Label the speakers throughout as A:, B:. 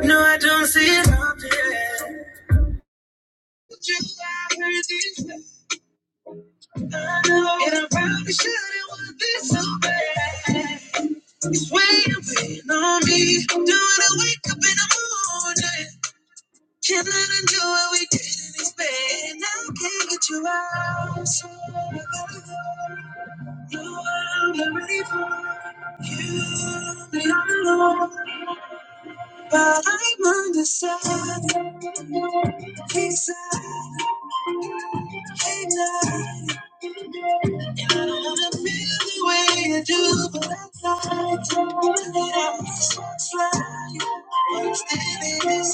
A: No, I don't see it out there. But you are worthy. I know. And I probably shouldn't want this so bad. It's weighing on me. Do I wake up in the morning? Can't let Cannot undo what we did in this bed. And I can't get you out. So I gotta go. No, I'm not already gone. And I'm alone. But I'm undecided. Hey, side. Hey, now. I don't wanna feel the way you do, but I like it. It almost looks like you understand this.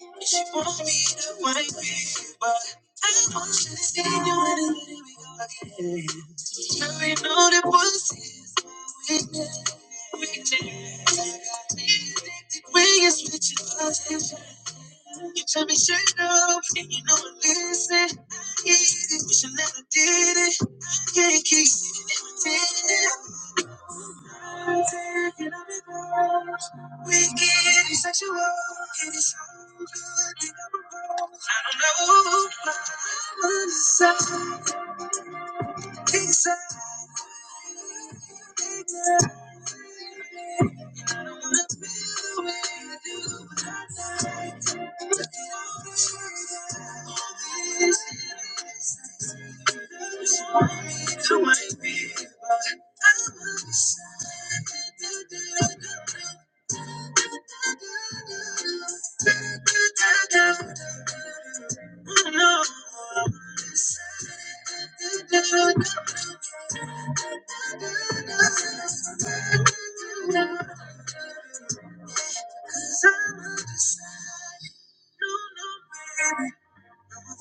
A: And she wants me to wipe it, but I want don't understand you to stay in your head and here we go again. Now you know that pussy is my weakness. Weakness. When you switch your position. You tell me straight up, and you know I listen. I get it, wish I never did it. I can't keep sitting and pretending. I'm Taking up your clothes, wicked and sexual, and it's all good. I don't know, but I am on the side, excited. I don't wanna feel the way I do. Cause I'm undecided.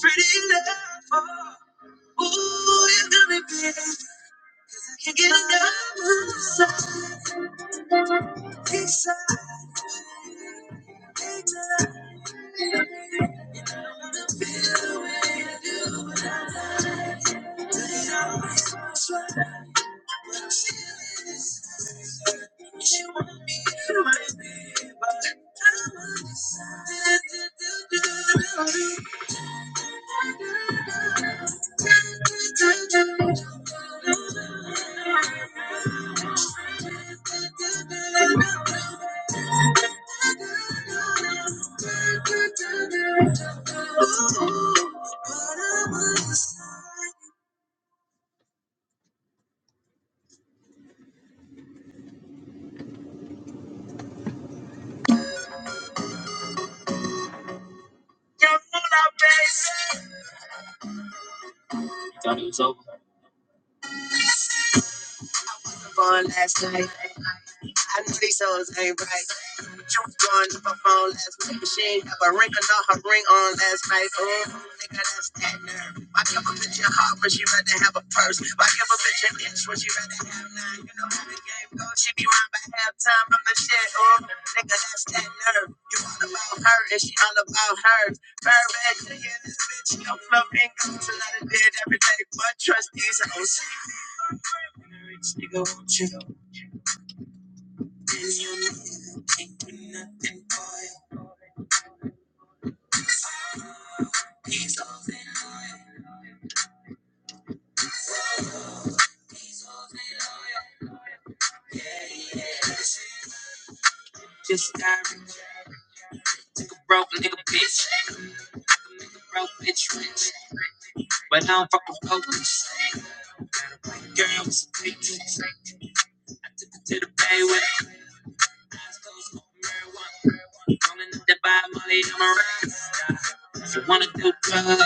A: Pretty love, oh, ooh, you got me baby. Can't get enough. Inside, inside, I'm serious. She want me to my baby. I'm on this side. Ooh, but I'm on this side. Thought it was over. Phone last night. I knew these souls ain't right. She was blowing up her phone last night, but she ain't have a ring or not her ring on last night. Oh, nigga, that's that nerve. Why you not I put your heart? Nigga, won't you? And you know, can't do nothing for you. Just took a broke nigga bitch. But I took her to the bay with it. Rolling up that by Molly, I'm a ride. She wanna do drugs,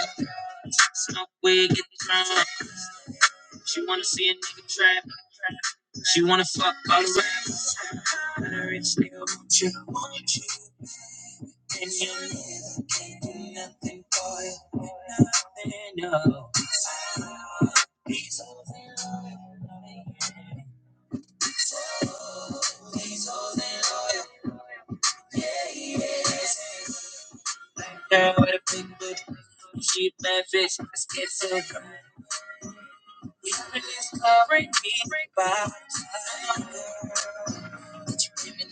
A: smoke weed, get drunk. She wanna see a nigga trap. She wanna fuck all around. a rich nigga won't you, you know. We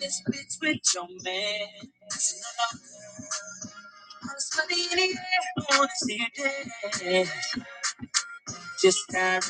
A: this bitch with it. I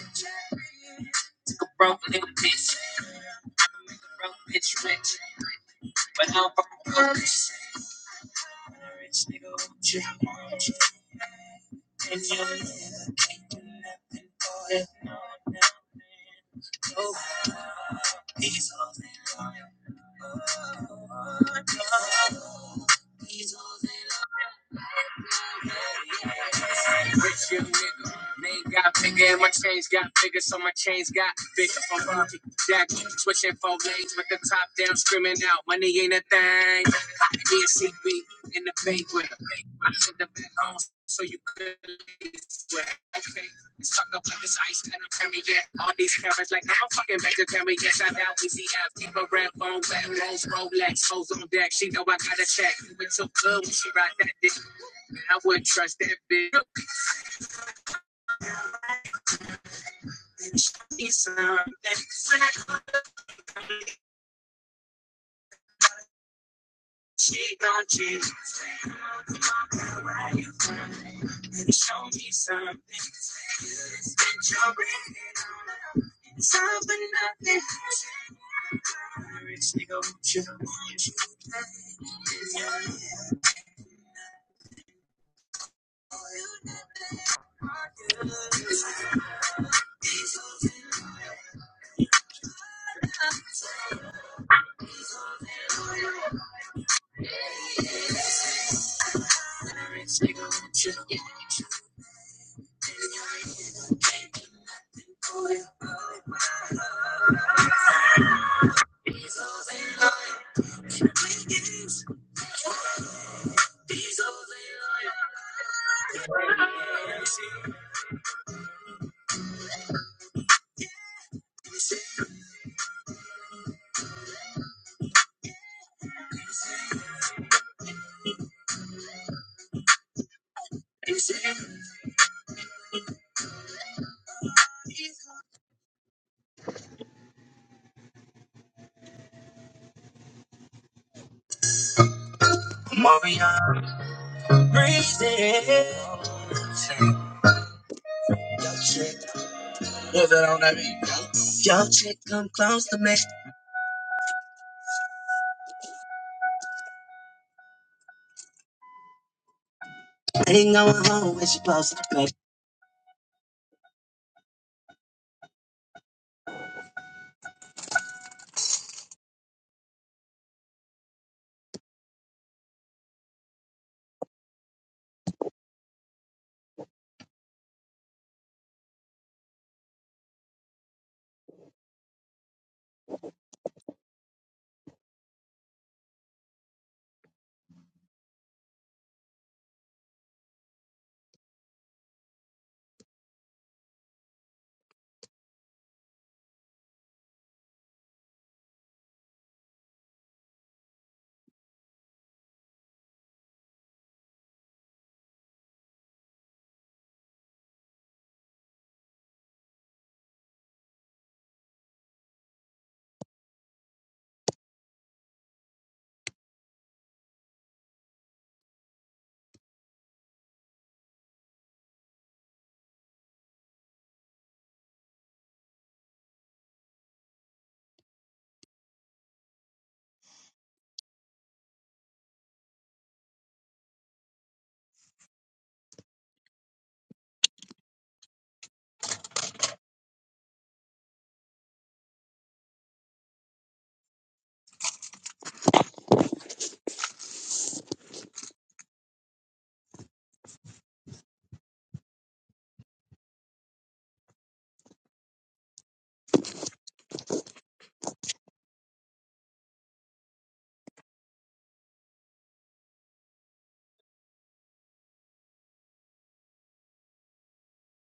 A: don't change. Show me something. You're ready. Something nothing. a rich nigga won't you, won't you breathe it. Yo, chick, yo, chick, come close to me. I Ain't going home when she close to the bed.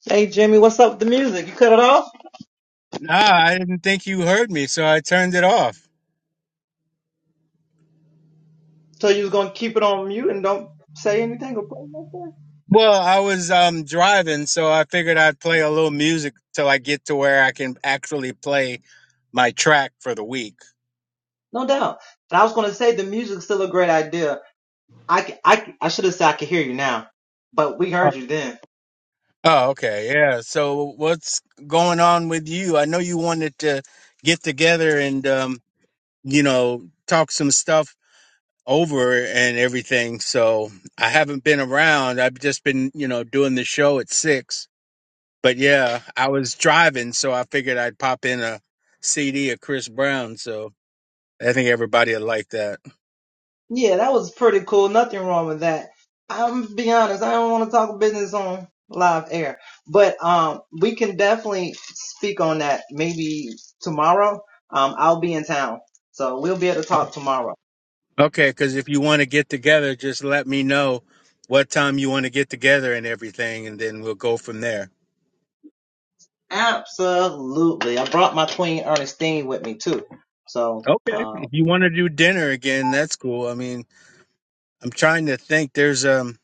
B: Hey Jimmy, what's up with the music? You cut it off?
A: Nah, I didn't think you heard me, so I turned it off.
B: So you was gonna keep it on mute and don't say anything or play nothing?
A: Well, I was um driving, so I figured I'd play a little music till I get to where I can actually play my track for the week.
B: No doubt. And I was gonna say the music's still a great idea. I c- I c- I should have said I could hear you now, but we
A: Oh,
B: heard you then.
A: oh, okay. Yeah. So what's going on with you? I know you wanted to get together and um, you know, talk some stuff over and everything. So I haven't been around. I've just been, you know, doing the show at 6. But yeah, I was driving, so I figured I'd pop in a CD of Chris Brown, so I think everybody would like that.
B: Yeah, that was pretty cool. Nothing wrong with that. I'm gonna be honest, I don't want to talk business on live air, but um, we can definitely speak on that maybe tomorrow. Um, I'll be in town, so we'll be able to talk tomorrow.
A: Okay, because if you want to get together, just let me know what time you want to get together and everything, and then we'll go from there.
B: Absolutely. I brought my Queen Ernestine with me too. So
A: Okay.
B: um,
A: If you want to do dinner again, that's cool. I mean, I'm trying to think. There's um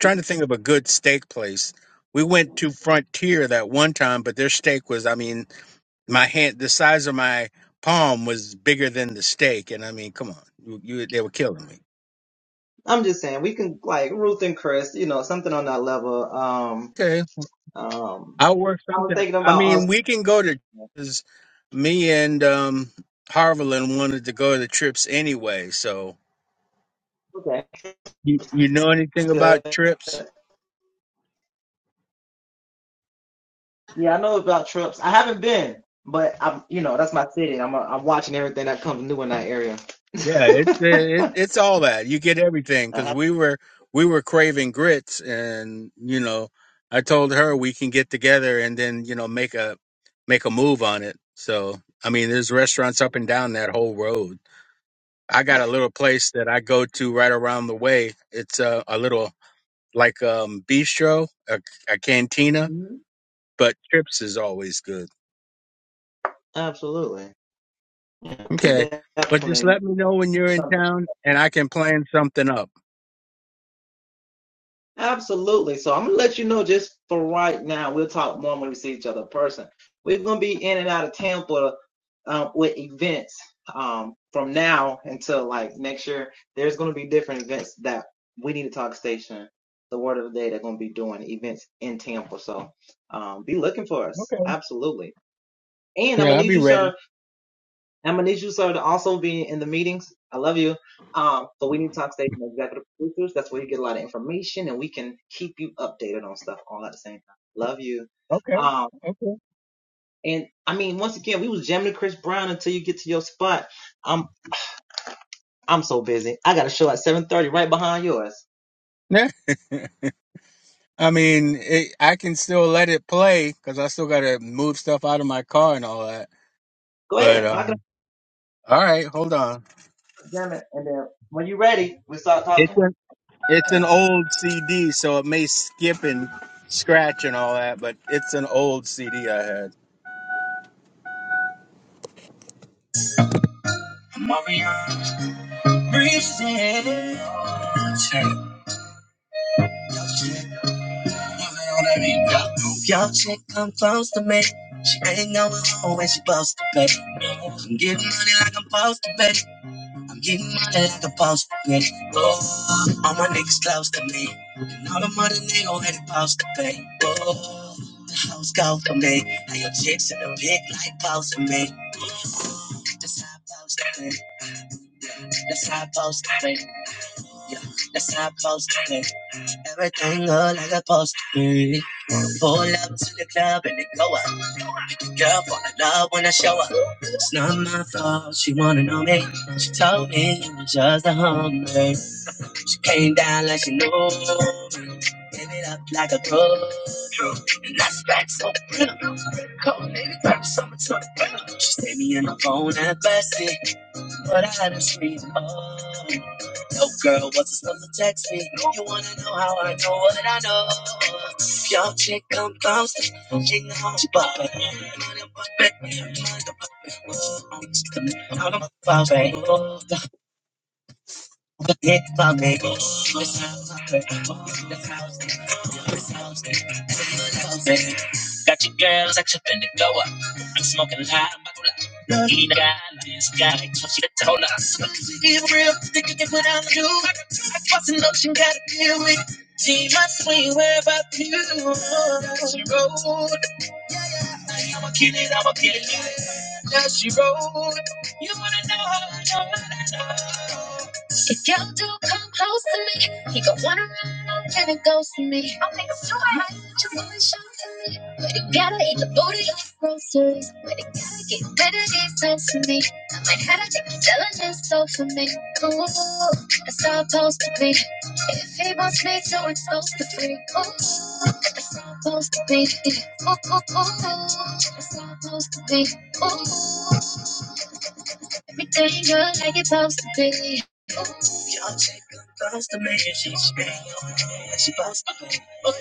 A: trying to think of a good steak place. We went to Frontier that one time, but their steak was, I mean, my hand, the size of my palm was bigger than the steak, and I mean, come on, you, you they were killing me.
B: I'm just saying we can like Ruth and Chris, you know, something on that level. Um,
A: Okay.
B: um,
A: I'll work
B: I was
A: something.
B: thinking
A: I
B: about us.
A: mean, we can go to because me and um Harveland wanted to go to trips anyway. So
B: Okay,
A: you, you know anything
B: that's
A: about
B: good.
A: trips?
B: Yeah, I know about trips. I haven't been, but I'm, you know, that's my city. I'm, uh, I'm watching everything that comes new in that area.
A: Yeah, it's it, it, it's all that you get everything
B: I
A: because
B: have-
A: we were we were craving grits, and you know, I told her we can get together and then you know make a make a move on it. So I mean, there's restaurants up and down that whole road. I got a little place that I go to right around the way. It's a, a little like um bistro, a, a cantina,
B: Mm-hmm.
A: but trips is always good.
B: Absolutely. Yeah, can
A: Okay. But just
B: definitely.
A: let me know when you're in
B: something.
A: town and I can plan something up.
B: Absolutely. So I'm gonna let you know just for right now. We'll talk more when we see each other in person. We're gonna be in and out of Tampa um, with events um, from now until like next year. There's gonna be different events that we need to talk station. The word of the day. They're gonna be doing events in Tampa. So um, be looking for us.
A: Okay.
B: Absolutely. And I'm
A: Yeah,
B: gonna
A: I'll
B: need
A: be
B: you, sir.
A: ready.
B: I'm gonna need you, sir, to also be in the meetings. I love you. Um, so we need to talk station executive producers. That's where you get a lot of information, and we can keep you updated on stuff all at the same time. Love you.
A: Okay.
B: Um, and I mean, once again, we was jamming to Chris Brown until you get to your spot. I'm I'm so busy. I got a show at 7:30 right behind yours.
A: okay. I mean, it, I can still let it play because I still got to move stuff out of my car and all that.
B: Go
A: But
B: ahead, knock it
A: um, all right, hold on.
B: out, jam it, and then when you're ready, we start
A: It's
B: talking.
A: an it's an old CD, so it may skip and scratch and all that. But it's an old CD I had. Armando negro eres pausa, pay. Oh, house call to me. Now your chicks in the pit like pausa, me. That's how pausa, pay. That's how pausa, pay. That's how pausa, pay. Everything look like a post on me. She came down like she knew me. Gave it up like a pro. And that's back so pretty. Cold nigga, grab something to the ground. She saved me in the phone at Bessie. But I had a scream, oh. Yo, girl, what's the stuff to Text me. You wanna know how I know what I know? If y'all chick come bouncing, she know how she pop it. Money pop it, money I'm a pop it. Oh, the- the dick pop it. Oh, this house, pop it. Oh, this house, this house, this house. Got your girls action in the go up. I'm smoking loud, I'm about to light. Eat a guy, this guy, she the told us. He's real, think you can put on the dude. What's an option gotta deal with me? My swing where you roll. I'ma kill it, I'ma kill it. Now she wrote. You wanna know how I know? how I know. If y'all do come close to me, he gon' wanna run and it goes to me. I'll make a few eyes, just wanna show to me. But he gotta eat the booty like groceries. But he gotta get rid of these toes for me. I might have to keep selling this soul for me. Ooh, that's all supposed to be. If he wants me to, it's supposed to be. Ooh, that's all supposed to be. Ooh, ooh, ooh, that's all supposed to be. Ooh, Everything good like it's supposed to be. Oh, Y'all take the bus to make it. She's straight. She's supposed to be. Oh,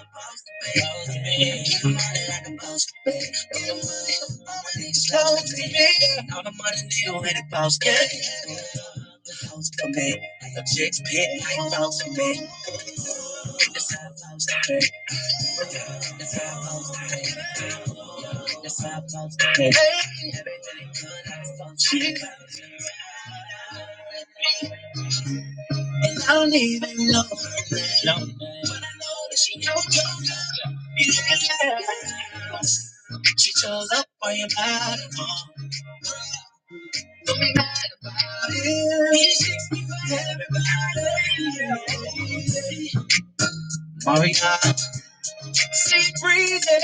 A: supposed to be. Keep money like a boss to be. All the money, all the money, slow to me. All the money, deal with it, boss. Yeah, supposed to be. Like a chick's pit, like a boss to be. That's how it's supposed to be. That's how it's supposed to be. That's how it's supposed to be. Hey, everything good like it's supposed to be. And I don't even know. No. But I know that she knows. Yeah. She chose up for your body. Yeah. She takes me for everybody. Yeah. She breathing.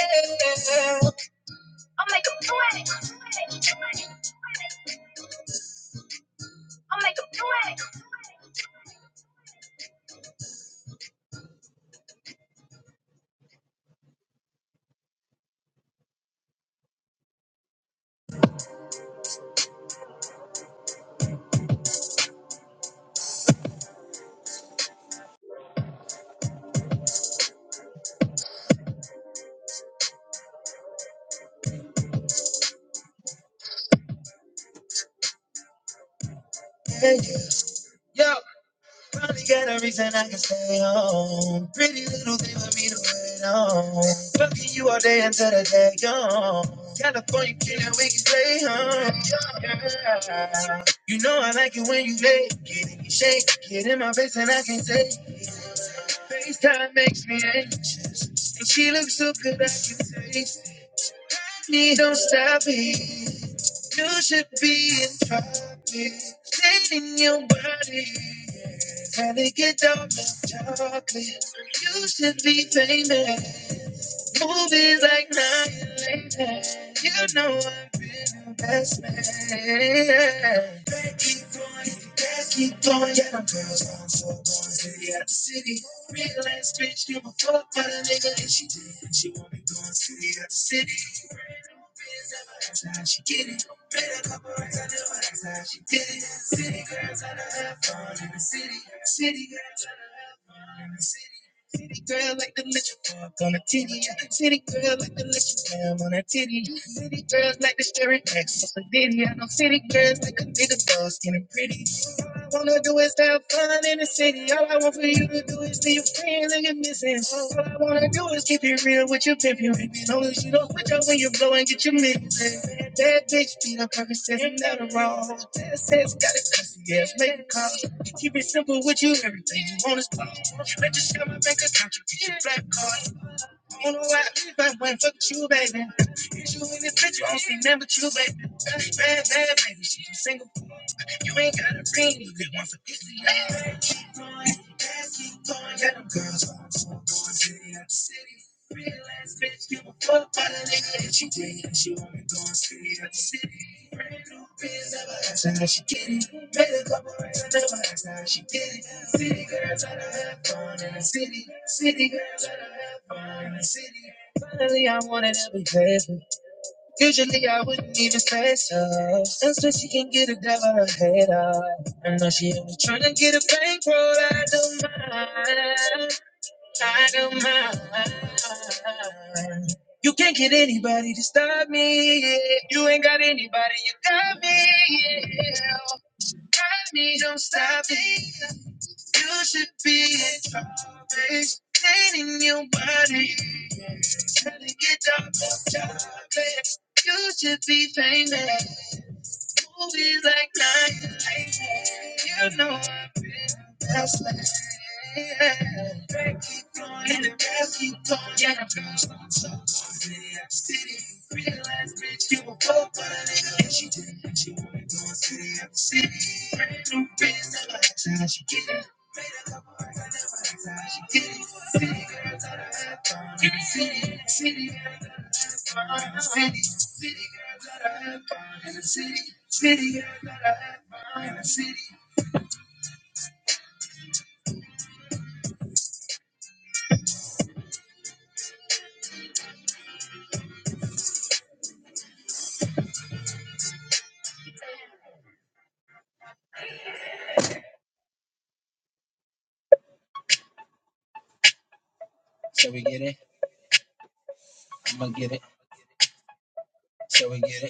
A: I'll make 'em do it. I'll make 'em do it. I'll make 'em do it. Yeah. yo. Probably got a reason I can stay home. Pretty little thing for me to wait on. Fucking you all day until the day gone. California killing, we can stay home. Yeah. You know I like it when you lay. Get in your shape, get in my face and I can take. FaceTime makes me anxious. And she looks so good I can taste. Please don't stop me. You should be in private, cleaning your body. Had to get dark and chocolate. You should be famous. Movies like Nine You know I've been a best man. Yeah. Back keep going, back keep going. Yeah, them girls on for boys, city out the city. Real ass bitch, give a fuck about a nigga, and she did. She wanna go and city out the city. That's how she get it. Made a couple racks, I know that's how she did it. City girls, I know have fun in the city. City girls, I know have fun in the city. City girl like the little fuck on a titty. City girl like the little slam on a titty. City girls like the stirring X on a ditty. I know city girls like a nigga dog skin and pretty wanna do is have fun in the city. All I want for you to do is leave friends and get are missing. All I wanna do is keep it real with your pimpin'. As long as you don't switch up when you blow and get your mixin'. Bad, bad bitch, beat up every set and that a wrong. That says got it crazy, ass, make a call. Keep it simple with you, everything you want is ball. Let just shine my bank account, you get your black card. I don't know why everybody went fuck you, baby. You in this picture, I don't see nothing but you, baby. Bad, bad, baby, she just single. You ain't got a ring, you get one for easy. Keep going, keep going, yeah, them girls. Going to the city. Real ass bitch, you a Come by the nigga that she bring she wanna go and see it the city. Brand new biz, never asked her how she get it. Made a couple rings, I never asked her how she did it. City girls, I don't have fun in the city. City girls, I don't have fun in the city. Finally, I wanted to be present. Usually, I wouldn't even say so. Since when she can get a devil a head off. I know she only trying to get a bankroll, I don't mind. I don't mind. You can't get anybody to stop me. yeah. You ain't got anybody, you got me. Yeah. Got me, don't stop me. You should be in charge. Cleaning your body. Trying to get dark, chocolate. You should be famous. Movies like night, you know I've been best man. Drink keep going and the rest keep going. Yeah, the girls don't stop. City, I'm city. So we get it, I'ma get it. So we get it.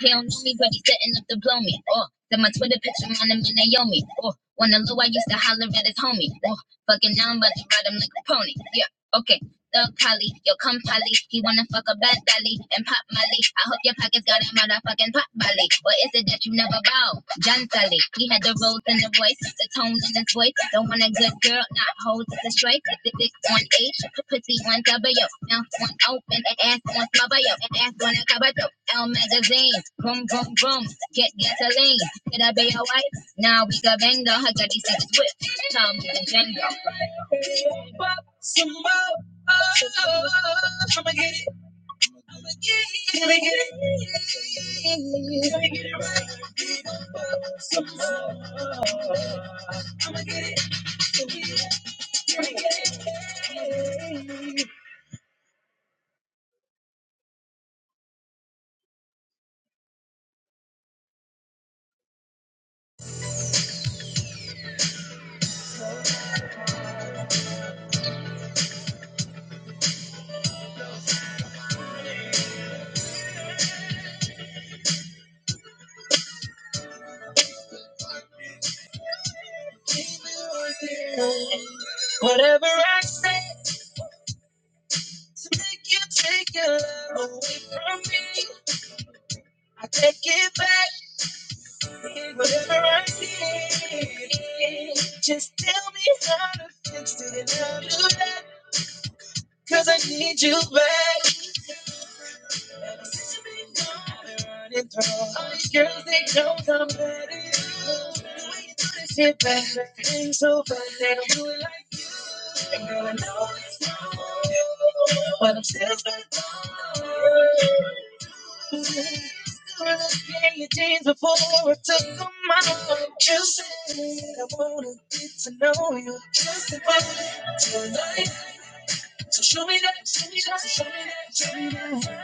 A: He don't know me, but he setting up to blow me. Oh, then my Twitter picture on him and Naomi. Oh, when the low I used to holler at his homie. Oh, fucking now I'm about to ride him like a pony. Yeah, okay. Thug Kali, yo come Polly. He wanna fuck a bad dolly and pop Molly. I hope your pockets got a motherfucking pop Molly. Or is it that you never bow? John Sally, he had the road in the voice, the tone in his voice. Don't want a good girl, not hold the straight. The dick on H, pussy on W, mouth on open, and ass on smother, yo, and ass on a cover, L magazine, boom, boom, boom, get gasoline. Could I be your wife? Now we got bang though, I got these niggas whipped. Tom and Django. Whatever I say to make you take your love away from me, I take it back. did, Whatever I did, just tell me how to fix it and I'll do that 'cause I need you back. Ever since you've been gone, I've been running through. All these girls, they don't come back to you. The way you do this shit back, things so bad don't do it like I know you. But I'm still stuck. on you. Wanna play your jeans before I took them out. Just say I wanna get to know you. Just about tonight. So show me that, show me that, show me that, show me that.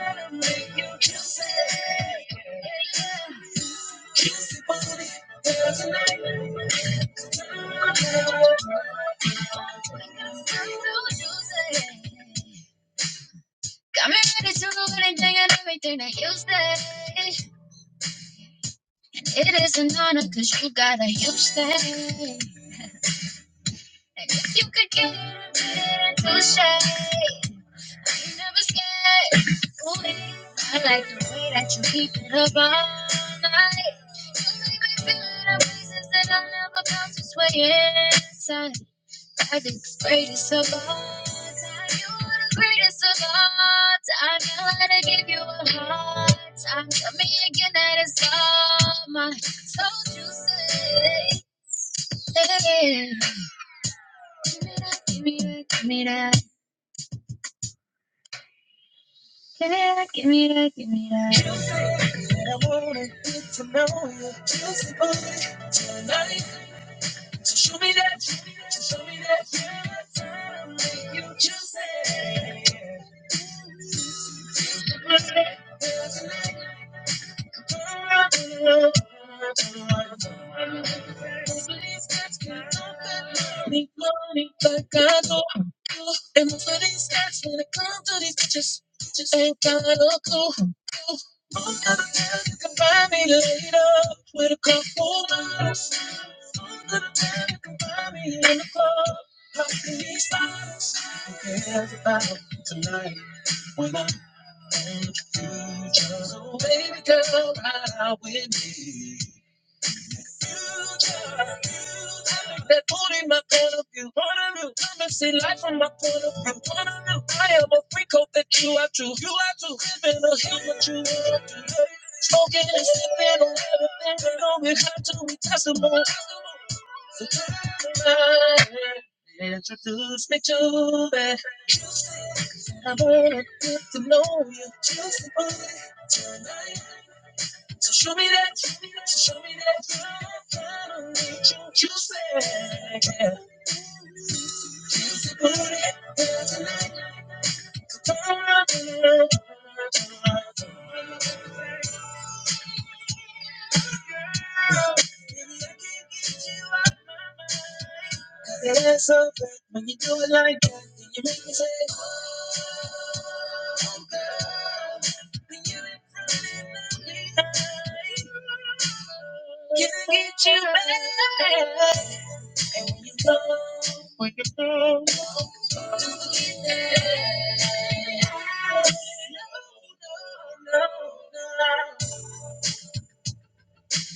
A: Got me ready to do anything and everything that you say. You make me feel in a places that I never felt like it being God. My soul you Give me that, give me that, yeah, give me that, give me that.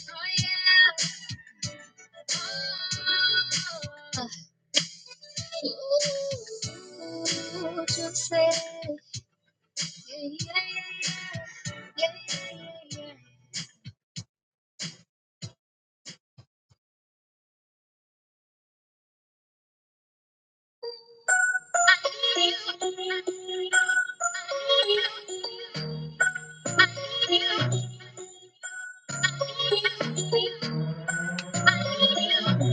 A: Oh, yeah. Ooh, what say? Yeah, yeah, yeah, yeah, yeah. yeah. I need you. I need you. I need you.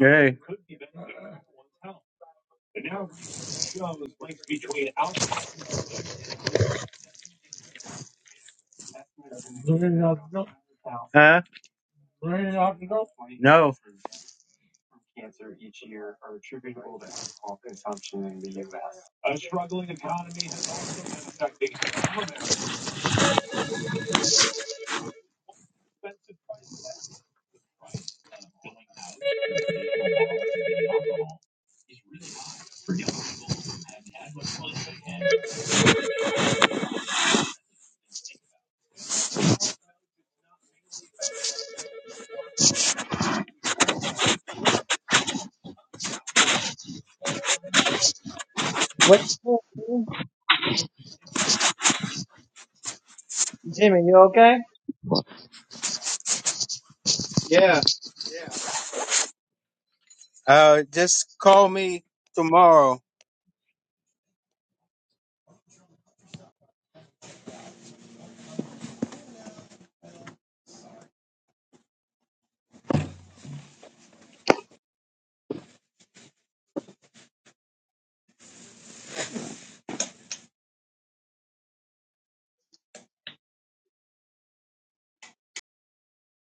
A: Yeah.
B: What, Jimmy? You okay?
A: Uh, just call me tomorrow.